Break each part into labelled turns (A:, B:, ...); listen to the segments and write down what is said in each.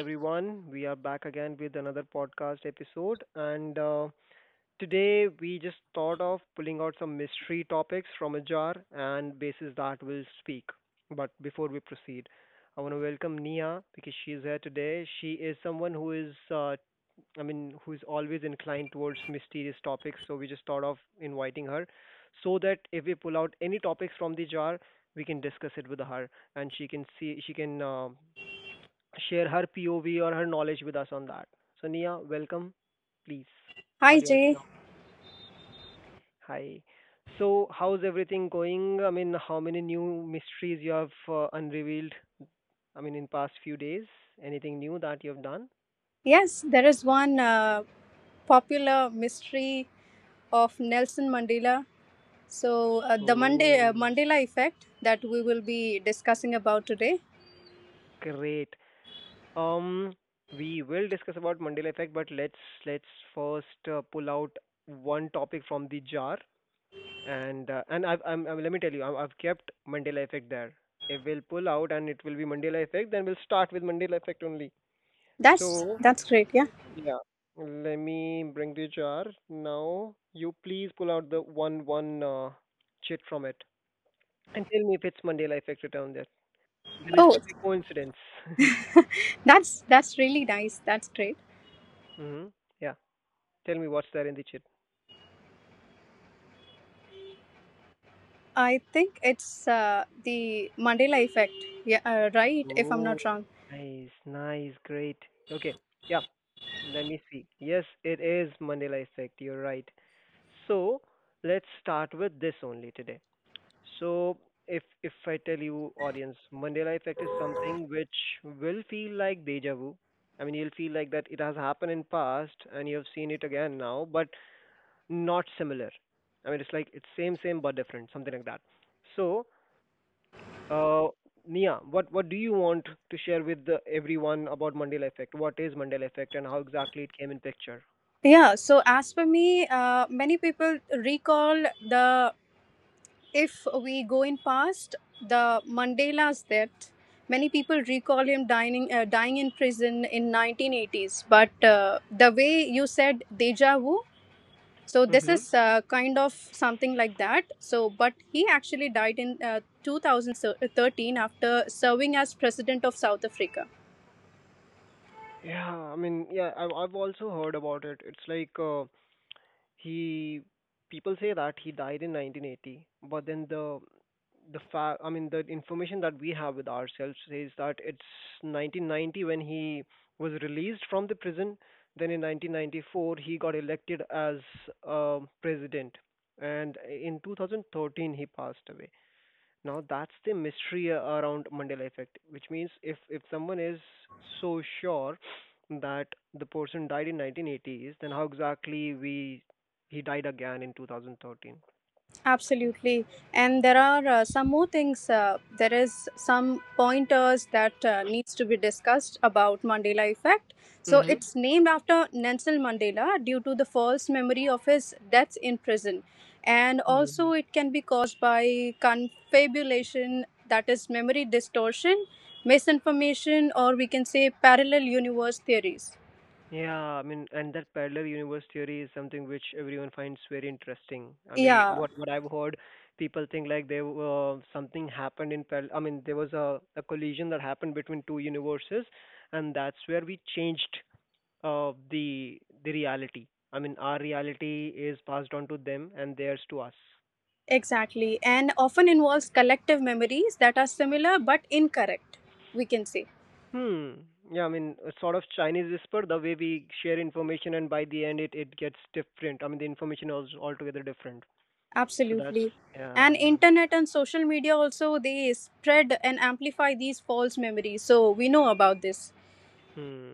A: everyone. We are back again with another podcast episode. And today we just thought of pulling out some mystery topics from a jar and basis that will speak. But before we proceed, I want to welcome Nia because she is here today. She is someone who is, I mean, who is always inclined towards mysterious topics. So we just thought of inviting her so that if we pull out any topics from the jar, we can discuss it with her and she can share her POV or her knowledge with us on that. So, Nia, welcome, please. All
B: Hi,
A: yours
B: Jay.
A: now. Hi. So, how's everything going? I mean, how many new mysteries you have unrevealed? I mean, in past few days, anything new that you have done?
B: Yes, there is one popular mystery of Nelson Mandela. So, the
A: Oh,
B: Mandela effect that we will be discussing about today.
A: great. Um, we will discuss about Mandela effect, but let's first pull out one topic from the jar and I've, I'm let me tell you, I've kept Mandela effect there. If we'll pull out and it will be Mandela effect, then we'll start with Mandela effect only.
B: That's
A: So
B: that's great. Yeah.
A: yeah, let me bring the jar now. You please pull out the one chit from it and tell me if it's Mandela effect written there. Then it
B: Oh,
A: will be coincidence.
B: that's really nice. That's great.
A: Hmm. Yeah, tell me what's there in the chit.
B: I think it's the Mandela effect. Yeah, right. If I'm
A: Oh,
B: not wrong.
A: nice, nice, great. Okay, yeah. Let me see. Yes, it is Mandela effect. You're right. So let's start with this only today. So if I tell you, audience, Mandela effect is something which will feel like deja vu. I mean, you'll feel like that it has happened in past and you have seen it again now, but not similar. I mean, it's like it's same same but different, something like that. So, uh, Nia, what do you want to share with everyone about Mandela effect? What is Mandela effect and how exactly it came in picture?
B: Yeah, so as for me, many people recall the if we go in past the Mandela's death, many people recall him dying in prison in 1980s. But the way you said deja vu, so this
A: Mm-hmm.
B: is kind of something like that. So but he actually died in 2013 after serving as president of South Africa.
A: Yeah, I mean, yeah, I've also heard about it. It's like he people say that he died in 1980, but then I mean, the information that we have with ourselves says that it's 1990 when he was released from the prison. Then in 1994 he got elected as president, and in 2013 he passed away. Now that's the mystery around Mandela effect, which means if someone is so sure that the person died in 1980s, then how exactly we he died again in 2013?
B: Absolutely. And there are some more things. There is some pointers that needs to be discussed about Mandela effect. So
A: Mm-hmm.
B: it's named after Nelson Mandela due to the false memory of his deaths in prison. And
A: Mm-hmm.
B: also, it can be caused by confabulation, that is memory distortion, misinformation, or we can say parallel universe theories.
A: Yeah, I mean, and that parallel universe theory is something which everyone finds very interesting. I mean,
B: Yeah.
A: what I've heard, people think like there were something happened in parallel. I mean, there was a collision that happened between two universes, and that's where we changed the reality. I mean, our reality is passed on to them and theirs to us.
B: Exactly, and often involves collective memories that are similar but incorrect, we can say.
A: Hmm. Yeah, I mean, a sort of Chinese whisper, the way we share information, and by the end, it gets different. I mean, the information is altogether different. So that's,
B: Absolutely.
A: yeah,
B: And
A: yeah.
B: internet and social media also they spread and amplify these false memories. So we know about this.
A: Hmm.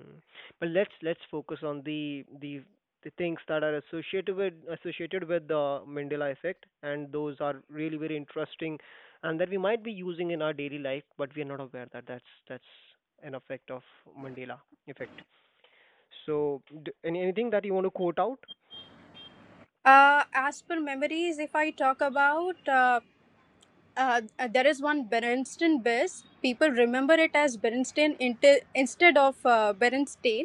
A: But let's focus on the things that are associated with the Mandela effect, and those are really very interesting, and that we might be using in our daily life, but we are not aware that that's an effect of Mandela effect. So, anything that you want to quote out?
B: As per memories, if I talk about, there is one Berenstain Bears. People remember it as Berenstain instead of Berenstain.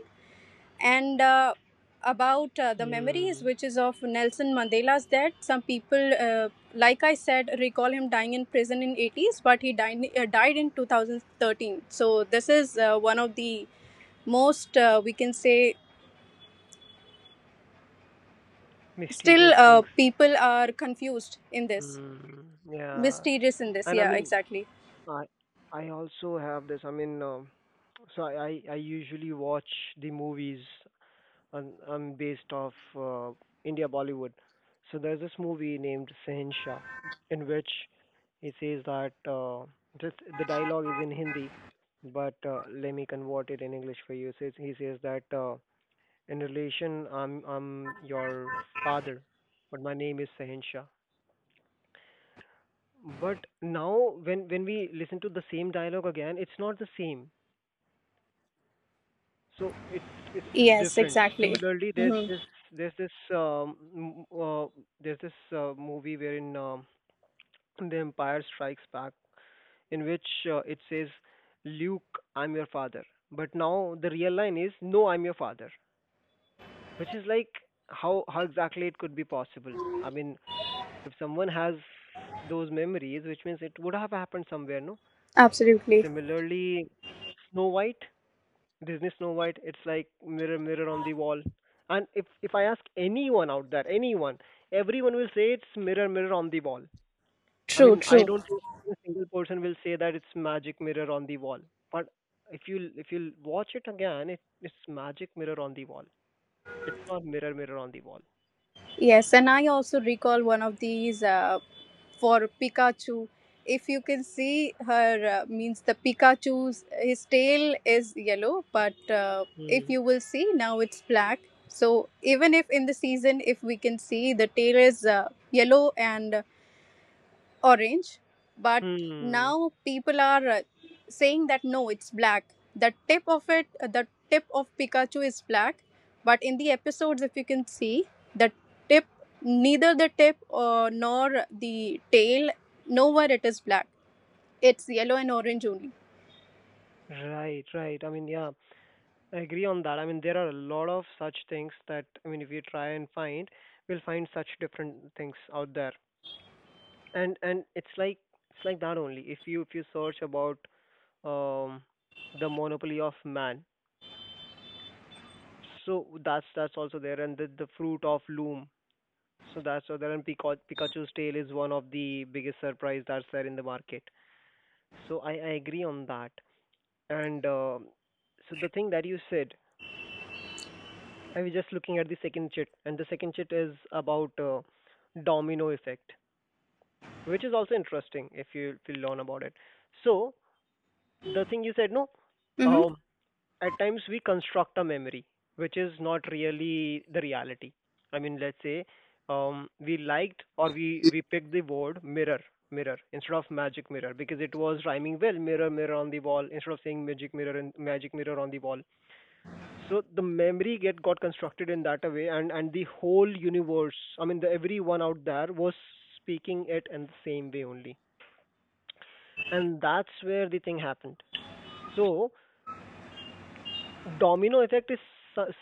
B: And about the memories
A: Hmm.
B: which is of Nelson Mandela's death, some people, like I said, recall him dying in prison in 80s. But he died in 2013. So this is one of the most, we can say, still
A: Mysterious things.
B: people are confused in this
A: Hmm. Yeah.
B: mysterious in this.
A: And I
B: Yeah.
A: mean,
B: Exactly.
A: I I also have this. I mean, so I usually watch the movies I'm based off India Bollywood. So there's this movie named Shahenshah in which he says that just the dialogue is in Hindi, but let me convert it in English for you. Says He says that in relation, I'm your father, but my name is Shahenshah. But now when we listen to the same dialogue again, it's not the same. So it's
B: Yes.
A: different.
B: Exactly.
A: Similarly,
B: Hmm.
A: there's this um, m- uh, there's this movie wherein The Empire Strikes Back, in which it says, "Luke, I'm your father," but now the real line is, "No, I'm your father," which is like, how exactly it could be possible. I mean, if someone has those memories, which means it would have happened somewhere. No,
B: Absolutely.
A: similarly, snow white Disney Snow White, it's like, "Mirror, mirror on the wall." And if I ask anyone out there, anyone, everyone will say it's "Mirror, mirror on the wall." I
B: True.
A: mean, I
B: True.
A: don't think a single person will say that it's "Magic mirror on the wall." But if you watch it again, it's "Magic mirror on the wall." It's not "Mirror, mirror on the wall."
B: Yes. And I also recall one of these, for Pikachu. If you can see her, means the Pikachu's his tail is yellow, but if
A: Hmm.
B: you will see now, it's black. So even if in the season, if we can see, the tail is yellow and orange, but
A: Hmm.
B: now people are saying that no, it's black. The tip of it, the tip of Pikachu is black, but in the episodes, if you can see, the tip, neither the tip nor the tail, nowhere it is black. It's yellow and orange only.
A: Right, right. I mean, yeah, I agree on that. I mean, there are a lot of such things that, I mean, if you try and find, we'll find such different things out there. And it's like that only. If you search about um the monopoly of man, so that's also there, and the fruit of loom, so that's other, and Pikachu's tail is one of the biggest surprise that's there in the market. So I agree on that. And so the thing that you said, I was just looking at the second chit, and the second chit is about domino effect, which is also interesting if you learn about it. So the thing you said, no,
B: Mm-hmm.
A: um. at times we construct a memory which is not really the reality. I mean, let's say, we liked, or we picked the word "mirror, mirror" instead of "magic mirror" because it was rhyming well, "mirror, mirror on the wall" instead of saying "magic mirror" and "magic mirror on the wall." So the memory get got constructed in that a way, and the whole universe, I mean, the everyone out there was speaking it in the same way only, and that's where the thing happened. So domino effect is s-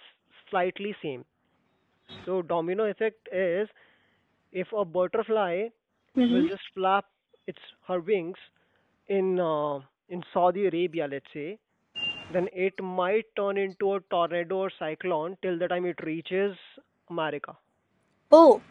A: slightly same. So domino effect is, if a butterfly will
B: Mm-hmm.
A: just flap its her wings in uh, in Saudi Arabia, let's say, then it might turn into a tornado or cyclone till the time it reaches America.
B: Oh,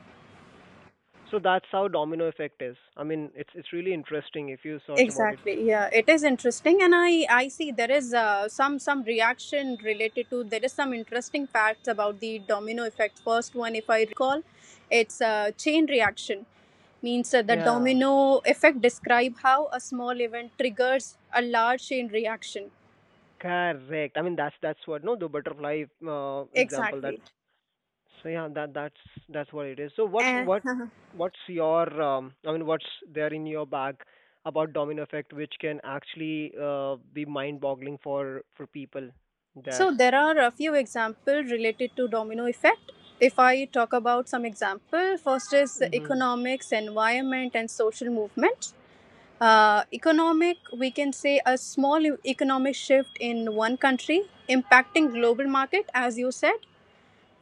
A: So that's how domino effect is. I mean, it's really interesting if you search about it.
B: exactly. Yeah, it is interesting. And I see there is some reaction related to. There is some interesting facts about the domino effect. First one, if I recall, it's a chain reaction, means the
A: Yeah,
B: domino effect describe how a small event triggers a large chain reaction.
A: correct. I mean, that's what, no, the butterfly example that.
B: Exactly.
A: So yeah, that's what it is. So what
B: And
A: what what's your I mean, what's there in your bag about domino effect which can actually be mind-boggling for people there?
B: so there are a few examples related to domino effect. If I talk about some example, first is
A: Mhm.
B: economics, environment, and social movement. Economic, we can say, a small economic shift in one country impacting global market, as you said.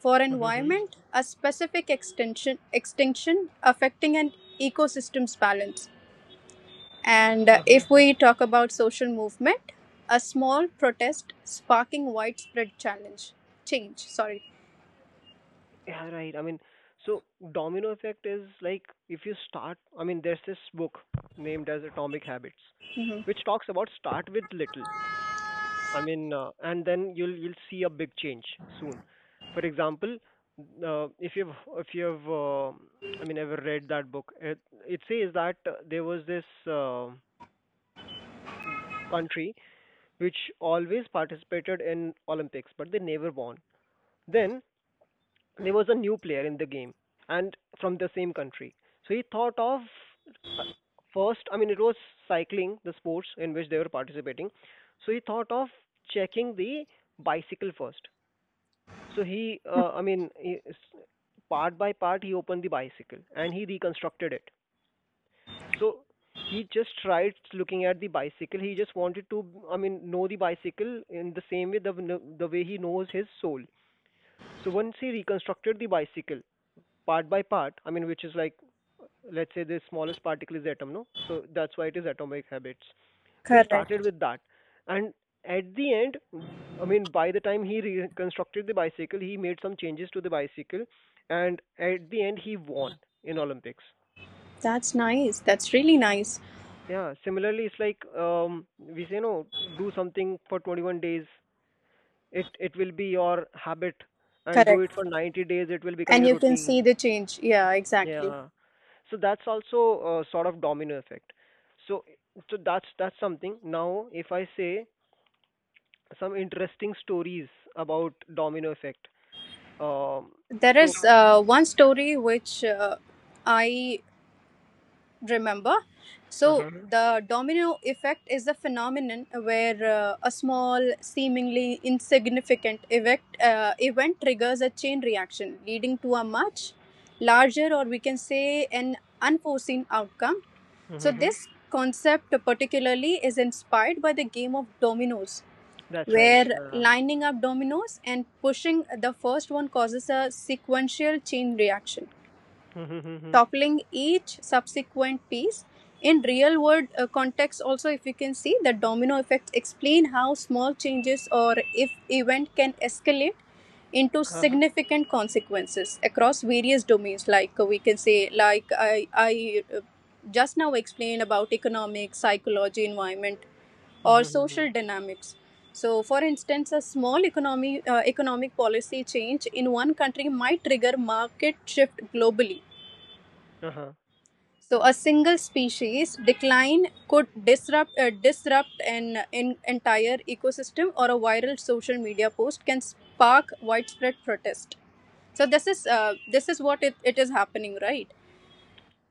B: For
A: Mhm.
B: environment, a specific extension extinction affecting an ecosystem's balance. And
A: Uh-huh.
B: if we talk about social movement, a small protest sparking widespread challenge change. Sorry.
A: Yeah, right. I mean, so domino effect is like, if you start, I mean, there's this book named as Atomic Habits,
B: Mhm.
A: which talks about start with little. I mean, and then you'll see a big change soon. For example, if you've I mean, ever read that book, it says that there was this uh, country which always participated in Olympics, but they never won. Then there was a new player in the game, and from the same country. So he thought of uh, first. I mean, it was cycling, the sports in which they were participating. So he thought of checking the bicycle first. So he, I mean, he, part by part, he opened the bicycle and he reconstructed it. So he just tried looking at the bicycle. He just wanted to, I mean, know the bicycle in the same way the way he knows his soul. So once he reconstructed the bicycle part by part, I mean, which is like, let's say, the smallest particle is atom, no, so that's why it is Atomic Habits. So he started
B: Correct.
A: with that, and at the end, I mean, by the time he reconstructed the bicycle, he made some changes to the bicycle, and at the end, he won in Olympics.
B: That's nice. That's really nice.
A: Yeah, similarly, it's like, we say, no, do something for 21 days, it will be your habit, and do
B: Correct.
A: it for 90 days, it will become
B: And
A: your
B: you can
A: routine.
B: see the change. Yeah, exactly.
A: Yeah. So that's also a sort of domino effect. So that's something. Now if I say some interesting stories about domino effect. Um
B: There
A: so
B: is one story which I remember. So,
A: uh-huh.
B: the domino effect is a phenomenon where a small, seemingly insignificant event triggers a chain reaction, leading to a much larger, or we can say, an unforeseen outcome. So,
A: Mm-hmm.
B: this concept particularly is inspired by the game of dominoes,
A: That's right.
B: where
A: Yeah.
B: lining up dominoes and pushing the first one causes a sequential chain reaction
A: Mm-hmm. Mm-hmm.
B: toppling each subsequent piece. In real world context, also, if you can see the domino effect, explain how small changes or if event can escalate into
A: Uh-huh.
B: significant consequences across various domains. Like we can say, like I just now explained about economics, psychology, environment,
A: Mm-hmm.
B: or
A: Mm-hmm.
B: social dynamics. So, for instance, a small economic policy change in one country might trigger market shift globally.
A: Uh-huh.
B: So a single species decline could disrupt an entire ecosystem, or a viral social media post can spark widespread protest. So this is what it is happening, right?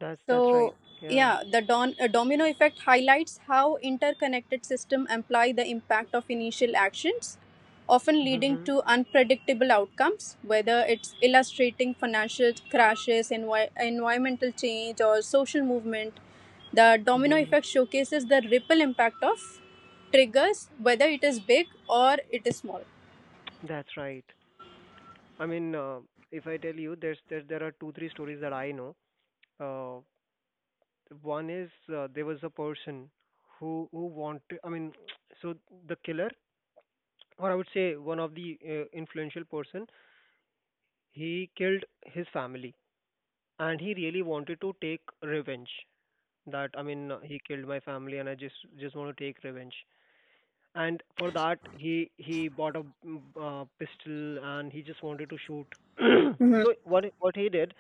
A: That's right.
B: So,
A: Yeah.
B: yeah, the domino effect highlights how interconnected systems imply the impact of initial actions, often leading
A: Mm-hmm.
B: to unpredictable outcomes, whether it's illustrating financial crashes, environmental change, or social movement. The domino
A: Mm-hmm.
B: effect showcases the ripple impact of triggers, whether it is big or it is small.
A: That's right. I mean, if I tell you, there are two three stories that I know. Uh, one is there was a person who wanted, I mean, so the killer, or I would say, one of the influential person, he killed his family, and he really wanted to take revenge. That I mean, he killed my family, and I just want to take revenge. And for that, he bought a pistol, and he just wanted to shoot.
B: Mhm.
A: What he did,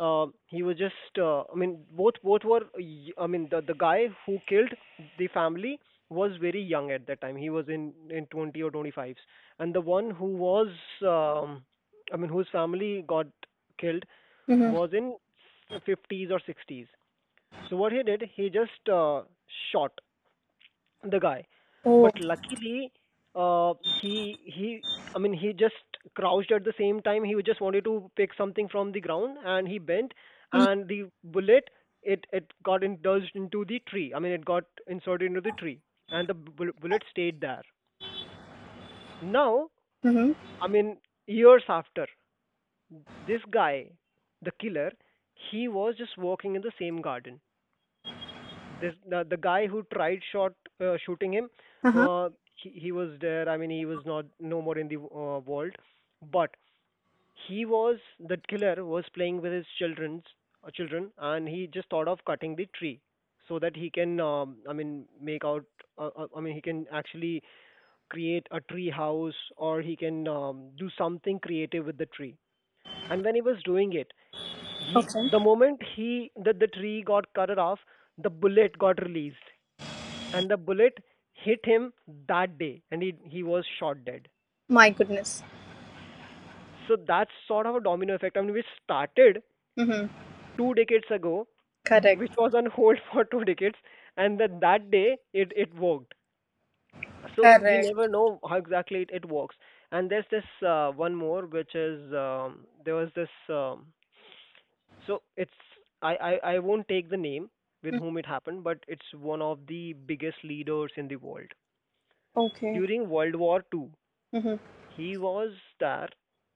A: he was just, I mean, both were I mean, the guy who killed the family was very young at that time. He was in 20 or 25s, and the one who was um, I mean, whose family got killed
B: Mhm.
A: was in 50s or 60s. So what he did, he just shot the guy.
B: Oh.
A: Luckily, uh, he he, I mean, he just crouched at the same time. He just wanted to pick something from the ground, and he bent,
B: Mhm.
A: and the bullet, it got indulged into the tree. I mean, it got inserted into the tree, and the bullet stayed there. Now,
B: Mhm.
A: I mean, years after, this guy, the killer, he was just walking in the same garden. This, the guy who tried shot shooting him,
B: Uh-huh.
A: he was there. I mean, he was not no more in the world, but he was, the killer was, playing with his children's children, and he just thought of cutting the tree so that he can, I mean, make out. I mean, he can actually create a tree house, or he can do something creative with the tree. And when he was doing it, he
B: Okay.
A: the moment he that the tree got cut off, the bullet got released, and the bullet hit him that day, and he was shot dead.
B: My goodness.
A: So that's sort of a domino effect. I mean, we started
B: Mhm.
A: 2 decades ago,
B: Correct.
A: which was on hold for 2 decades, and then that day it worked. So you never
B: Correct.
A: know how exactly it works. And there's this one more, which is, there was this. So it's I won't take the name with
B: Mhm.
A: whom it happened, but it's one of the biggest leaders in the world
B: Okay.
A: during World War II.
B: Mhm.
A: He was there,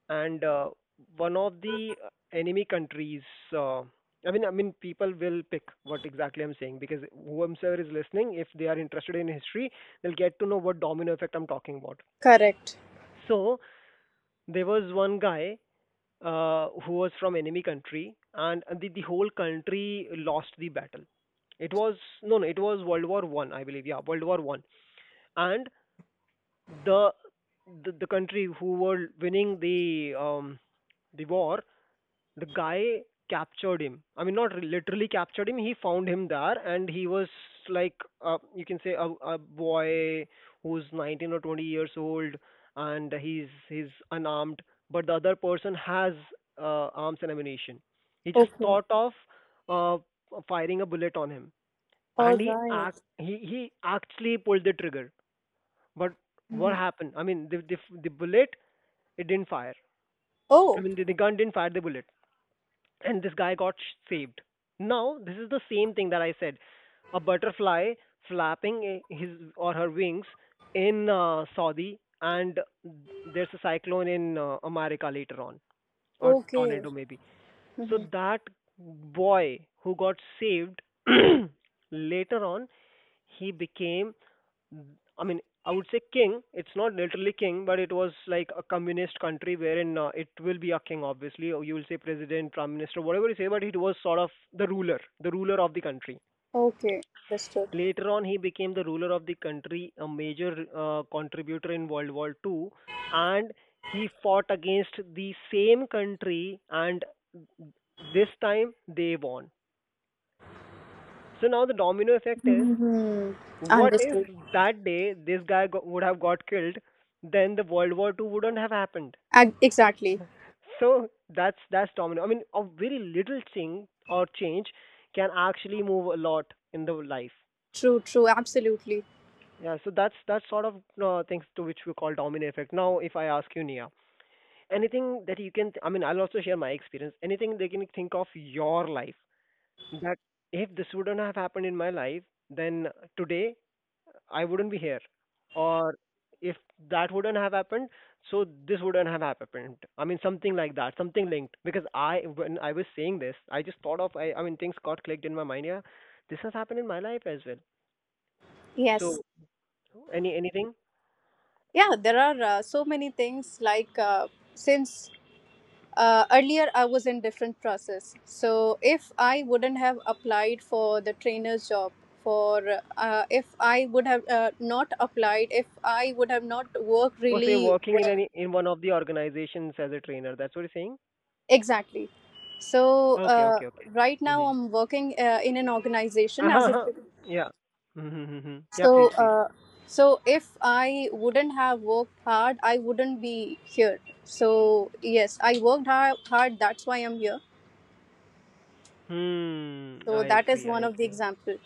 A: and one of the enemy countries, Uh, I mean, people will pick what exactly I'm saying, because whoever is listening, if they are interested in history, they'll get to know what domino effect I'm talking about.
B: Correct.
A: So there was one guy who was from enemy country, and the whole country lost the battle. It was no, no, it was World War I, I believe. Yeah, World War I, and the the country who were winning the war, the guy captured him. I mean, not literally captured him. He found him there, and he was like, you can say, a boy who's 19 or 20 years old, and he's unarmed. But the other person has arms and ammunition. He just
B: Okay.
A: thought of uh, firing a bullet on him,
B: All
A: and he
B: right.
A: act he he actually pulled the trigger. But what
B: Mhm.
A: happened? I mean, the bullet, it didn't fire. I
B: Oh.
A: mean, the gun didn't fire the bullet, and this guy got saved. Now, this is the same thing that I said. A butterfly flapping his or her wings in Saudi, and there's a cyclone in America later on, or
B: Okay.
A: tornado maybe. So
B: Mhm.
A: that boy who got saved later on, he became, I mean, I would say, king. It's not literally king, but it was like a communist country wherein it will be a king, obviously, or you will say president, prime minister, whatever you say, but it was sort of the ruler of the country.
B: Okay. Understood.
A: Later on, he became the ruler of the country, a major contributor in World War II, and he fought against the same country, and this time they won. So now the domino effect is,
B: Mhm.
A: what,
B: Understood.
A: that day this guy would have got killed, then the World War II wouldn't have happened.
B: Exactly.
A: So that's domino. I mean, a very little thing or change can actually move a lot in the life.
B: True. True. Absolutely.
A: Yeah, so that's sort of things to which we call domino effect. Now, if I ask you, Nia, anything that you can, I mean, I'll also share my experience. Anything they can think of your life, that if this wouldn't have happened in my life, then today I wouldn't be here. Or if that wouldn't have happened, so this wouldn't have happened. I mean, something like that, something linked. Because I, when I was saying this, I just thought of, I mean, things got clicked in my mind. Yeah, this has happened in my life as well.
B: Yes.
A: So, anything?
B: Yeah. There are so many things, like since earlier I was in different process. So if I wouldn't have applied for the trainer's job, for if I would have not applied, if I would have not worked,
A: Oh, so you're
B: really.
A: working in any in one of the organizations as a trainer. That's what you're saying?
B: Exactly. So
A: Okay, okay, okay.
B: right now I'm working in an organization as
A: Hmm.
B: a,
A: Yeah. Mm-hmm. Mm-hmm. Yeah, please,
B: so
A: please.
B: uh, so if I wouldn't have worked hard, I wouldn't be here. So yes, I worked hard, hard, that's why I'm here.
A: Hmm.
B: So
A: I.
B: that is one of the example.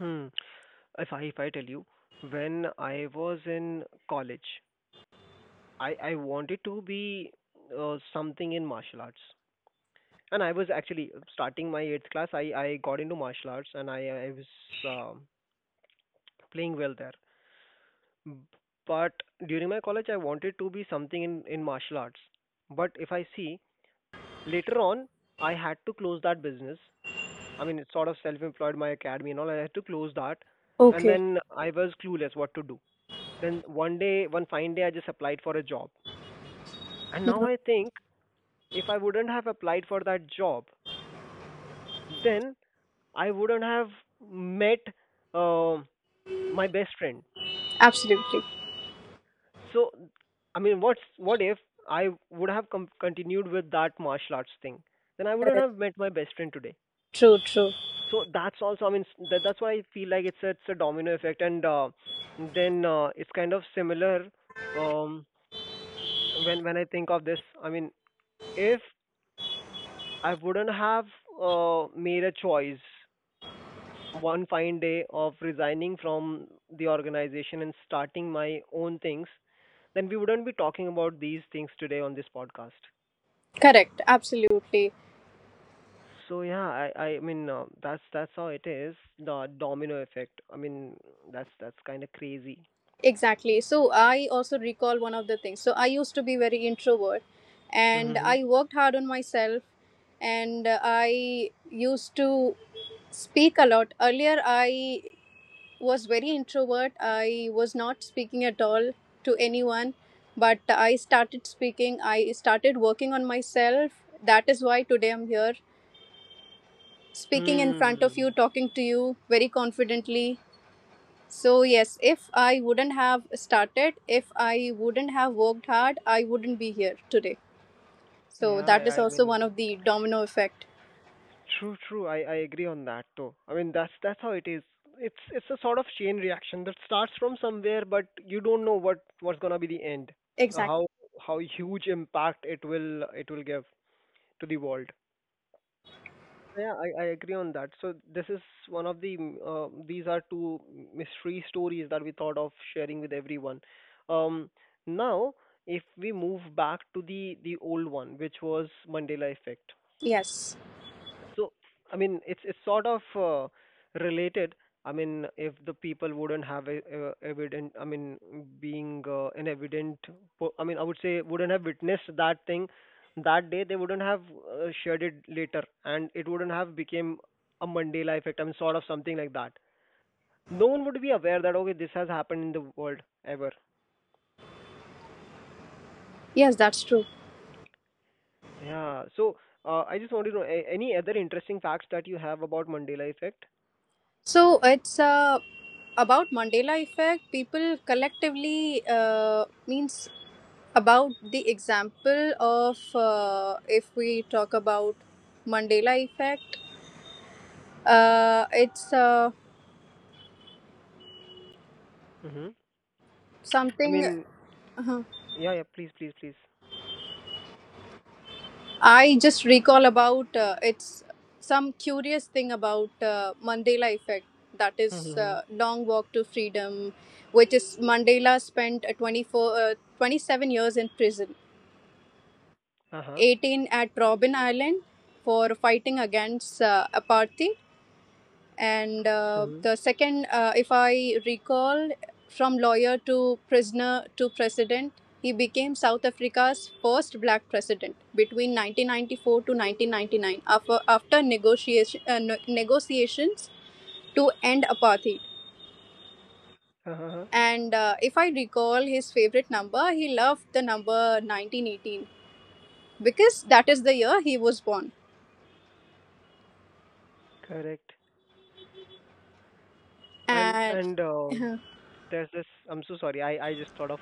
A: Hmm. If I tell you, when I was in college, I wanted to be something in martial arts, and I was actually starting my eighth class. I got into martial arts, and I was um playing well there. B- But during my college, I wanted to be something in martial arts. But if I see later on, I had to close that business. I mean, it's sort of self-employed, my academy and all. I had to close that, and
B: Okay.
A: then I was clueless what to do. Then one day, one fine day, I just applied for a job. And now I think, if I wouldn't have applied for that job, then I wouldn't have met uh, my best friend.
B: Absolutely.
A: So, I mean, what if I would have continued with that martial arts thing? Then I wouldn't
B: Correct.
A: have met my best friend today.
B: True, true.
A: So that's also, I mean, that's why I feel like it's a domino effect, and then it's kind of similar um, when I think of this. I mean, if I wouldn't have made a choice one fine day of resigning from the organization and starting my own things, then we wouldn't be talking about these things today on this podcast.
B: Correct. Absolutely.
A: So yeah, I mean that's how it is, the domino effect. I mean, that's kind of crazy.
B: Exactly. So I also recall one of the things. So I used to be very introvert, and
A: Mm-hmm.
B: I worked hard on myself, and I used to speak a lot. Earlier I was very introvert. I was not speaking at all to anyone, but I started speaking. I started working on myself. That is why today I'm here speaking in
A: Hmm.
B: front of you, talking to you very confidently. So, yes, if I wouldn't have started, if I wouldn't have worked hard, I wouldn't be here today. So,
A: Yeah.
B: that is also one of the domino effect.
A: True. True. I agree on that too. I mean, that's how it is. It's a sort of chain reaction that starts from somewhere, but you don't know what's gonna be the end,
B: Exactly.
A: how how huge impact it will give to the world. Yeah, I agree on that. So this is one of the these are two mystery stories that we thought of sharing with everyone. Um, Now, if we move back to the old one, which was Mandela effect,
B: Yes.
A: so, I mean, it's sort of related. I mean, if the people wouldn't have evident, I mean, being an evident, I mean, I would say, wouldn't have witnessed that thing that day, they wouldn't have shared it later, and it wouldn't have became a Mandela effect. I mean, sort of something like that. No one would be aware that, okay, this has happened in the world ever.
B: Yes, that's true.
A: Yeah. So, I just want to know any other interesting facts that you have about Mandela effect.
B: So, it's about Mandela effect. People collectively, means about the example of, if we talk about Mandela effect, it's
A: Hmm. I
B: something.
A: mean, yeah, yeah. Please, please, please.
B: I just recall about, it's some curious thing about, Mandela effect, that is
A: Mm-hmm.
B: long walk to freedom, which is Mandela spent 24 27 years in prison,
A: Uh-huh.
B: 18 at Robben Island, for fighting against apartheid. And
A: Mm-hmm.
B: the second, if I recall, from lawyer to prisoner to president, he became South Africa's first black president between 1994 to 1999 after, after negotiation, no- negotiations to end apartheid.
A: Uh-huh.
B: And if I recall his favorite number, he loved the number 1918 because that is the year he was born.
A: Correct. And
B: And
A: and
B: yes,
A: there's this. I'm so sorry. I just thought of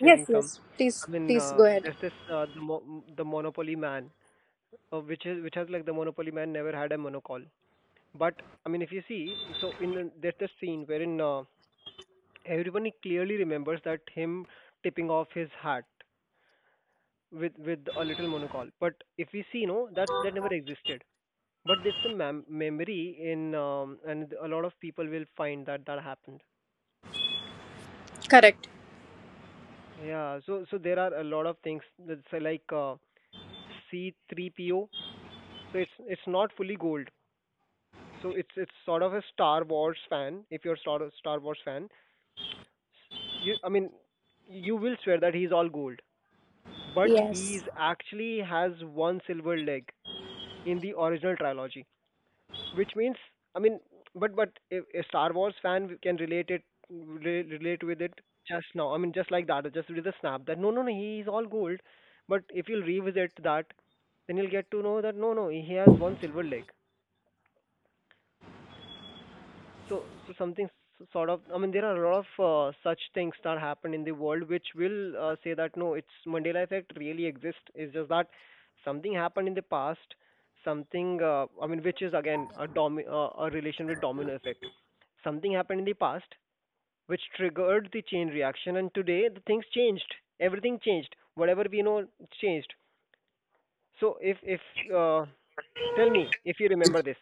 B: yes,
A: sharing some.
B: please,
A: I mean,
B: please go ahead.
A: there's this the Monopoly man, which has, like, the Monopoly man never had a monocall. But I mean, if you see, so there's this scene wherein everyone clearly remembers that, him tipping off his hat with a little monocall. But if we see, no, that never existed. But it's a memory in, and a lot of people will find that that happened.
B: Correct.
A: Yeah, so there are a lot of things that's like C3PO. So it's not fully gold. So it's sort of, a Star Wars fan, if you're Star Wars fan, you I mean, you will swear that he's all gold, but he's
B: Yes,
A: actually has one silver leg in the original trilogy. Which means, I mean, but if a Star Wars fan can relate it, relate with it just now, I mean, just like that, just with a snap, that no, no, no, he is all gold. But if you'll revisit that, then you'll get to know that no, no, he has one silver leg. So so something sort of, I mean, there are a lot of such things that happen in the world which will say that no, it's Mandela effect really exists. It's just that something happened in the past, something, which is again a a relation with domino effect. Something happened in the past which triggered the chain reaction, and today the things changed. Everything changed. Whatever we know changed. So, if uh, tell me if you remember this,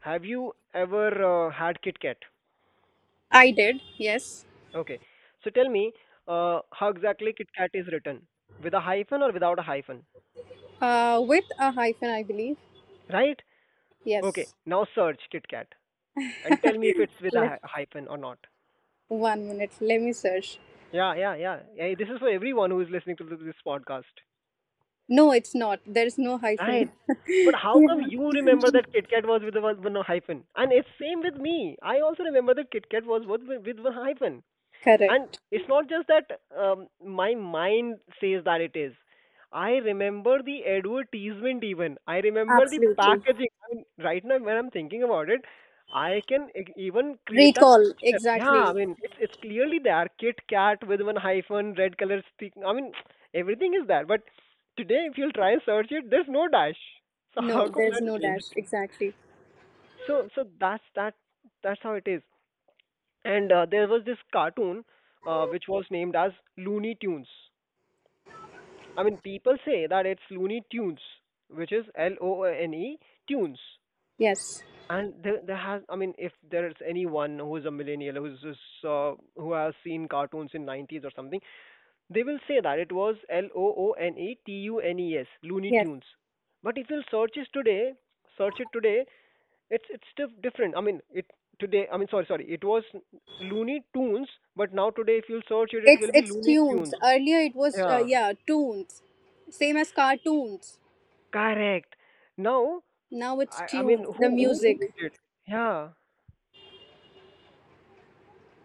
A: have you ever had Kit Kat?
B: I did. Yes.
A: Okay. So tell me, how exactly KitKat is written? With a hyphen or without a hyphen?
B: With a hyphen, I believe.
A: Right?
B: Yes.
A: Now search KitKat and tell us with a
B: Let,
A: hyphen or not.
B: One minute. Let me search.
A: Yeah, yeah, yeah, yeah. This is for everyone who is listening to this podcast.
B: No, it's not. There's no
A: Right.
B: hyphen.
A: But how come
B: Yeah.
A: you remember that KitKat was with a one hyphen? And it's same with me. I also remember that KitKat was with one hyphen. And
B: Correct.
A: it's not just that my mind says that it is. I remember the advertisement. Even I remember the
B: Absolutely.
A: packaging. I mean, right now when I'm thinking about it, I can even create that.
B: Recall.
A: Yeah, I
B: Exactly.
A: mean, it's clearly there. Kit Kat with one hyphen, red color stick. I mean, everything is there. But today if you'll try and search it, there's no dash. So
B: No,
A: how come?
B: there's no dash. Exactly.
A: So that's that's how it is. And there was this cartoon which was named as Looney Tunes. I mean, people say that it's Looney Tunes, which is L O N E Tunes.
B: Yes.
A: And there has, I mean, if there is anyone who is a millennial who has seen cartoons in 90s or something, they will say that it was LOONETUNES, Looney
B: Yes.
A: Tunes. But if you will search it today, different. I mean, it today. I mean, sorry, sorry. It was Looney Tunes, but now today, if you will search it, it
B: It's
A: will be
B: it's
A: Looney
B: tunes.
A: Tunes.
B: Earlier it was
A: Yeah,
B: yeah, tunes, same as cartoons.
A: correct. Now
B: Now it's
A: I mean,
B: tunes. The
A: who?
B: music.
A: Yeah.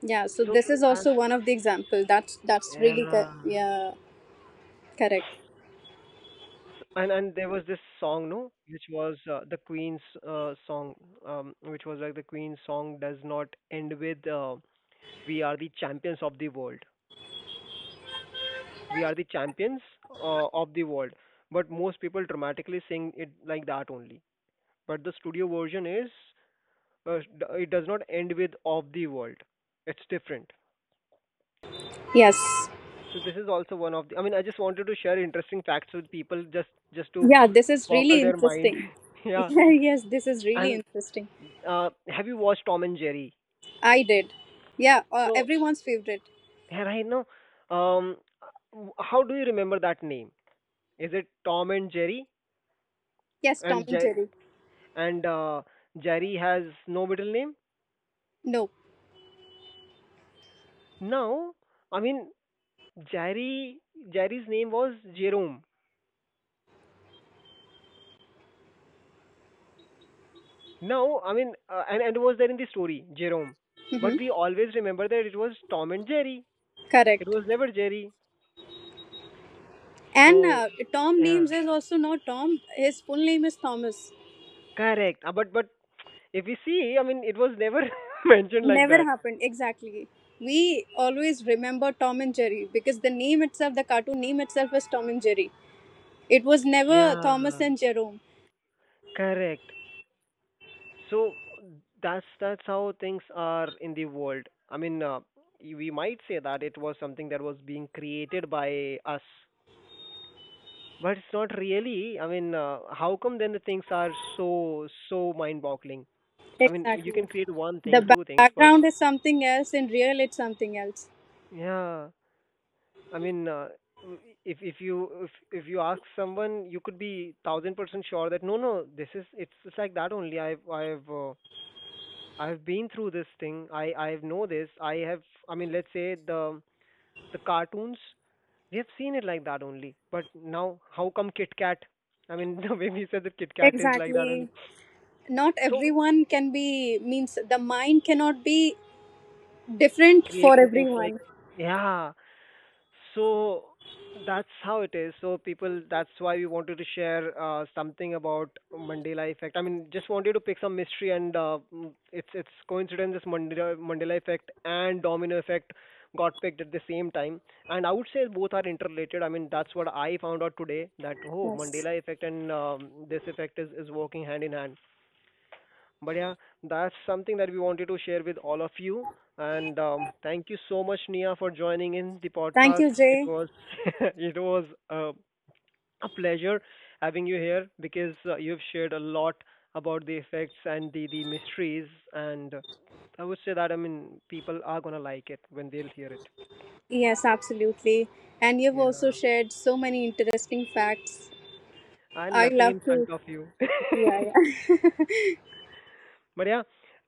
B: Yeah. So this is also one of the example. That's really yeah, correct.
A: And there was this song, no, which was the Queen's song, which was like the Queen's song does not end with "We are the champions of the world." We are the champions of the world, but most people dramatically sing it like that only. But the studio version is it does not end with "of the world." It's different.
B: Yes.
A: So this is also one of the. I mean, I just wanted to share interesting facts with people, just to
B: Yeah, this is really interesting.
A: yeah
B: Yeah, yes, this is really interesting.
A: have you watched Tom and Jerry?
B: I did. Yeah,
A: So
B: everyone's favorite.
A: yeah, right now, um, how do you remember that name? Is it Tom and Jerry?
B: Yes, Tom
A: And
B: and Jerry.
A: And uh, Jerry has no middle name.
B: No.
A: Now, I mean, Jerry Jerry's name was Jerome. Now, I mean, and it was there in the story Jerome.
B: Mm-hmm.
A: But we always remember that it was Tom and Jerry. It
B: Correct.
A: was never Jerry.
B: And Tom names is also not Tom. His full name is Thomas.
A: Correct. But if we see, I mean, it was never mentioned like
B: Never
A: that.
B: happened. Exactly. We always remember Tom and Jerry because the name itself, the cartoon name itself, is Tom and Jerry. It was never
A: Yeah.
B: Thomas and Jerome.
A: Correct. So that's how things are in the world. I mean, we might say that it was something that was being created by us, but it's not really. I mean, how come then the things are so mind-boggling? I mean, you can
B: Exactly.
A: create one
B: The
A: thing, two things, but
B: background is something else. In real, it's something else.
A: yeah, I mean, w- if if you if if you ask someone, you could be 1000% sure that no, no, this is it's like that only. I've been through this thing. I know this. I have. I mean, let's say the cartoons. We have seen it like that only. But now, how come Kit Kat? I mean, the way we said that Kit Kat is
B: Exactly. Not everyone can be, means the mind cannot be different for everyone.
A: yeah. So that's how it is. So people, that's why we wanted to share something about Mandela effect. I mean, just wanted to pick some mystery, and it's coincidence this Mandela effect and domino effect got picked at the same time. And I would say both are interrelated. I mean, that's what I found out today that oh,
B: Yes.
A: Mandela effect and this effect is working hand in hand. But yeah, that's something that we wanted to share with all of you. And thank you so much, Nia, for joining in the
B: Thank
A: podcast.
B: you,
A: It
B: Jay.
A: was it was uh, a pleasure having you here because you've shared a lot about the effects and the mysteries and I would say that I mean people are gonna like it when they'll hear it.
B: Yes, absolutely. And you've also
A: Yeah,
B: shared so many interesting facts.
A: and
B: I
A: nothing
B: love
A: in front
B: to.
A: of you.
B: Yeah, yeah.
A: But yeah,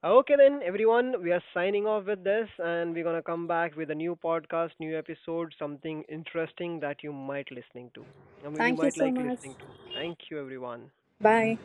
A: okay then, everyone, we are signing off with this, and we're gonna come back with a new podcast, new episode, something interesting that you might listening to. I mean, you
B: Thank you
A: might.
B: so much.
A: Thank you, everyone.
B: Bye.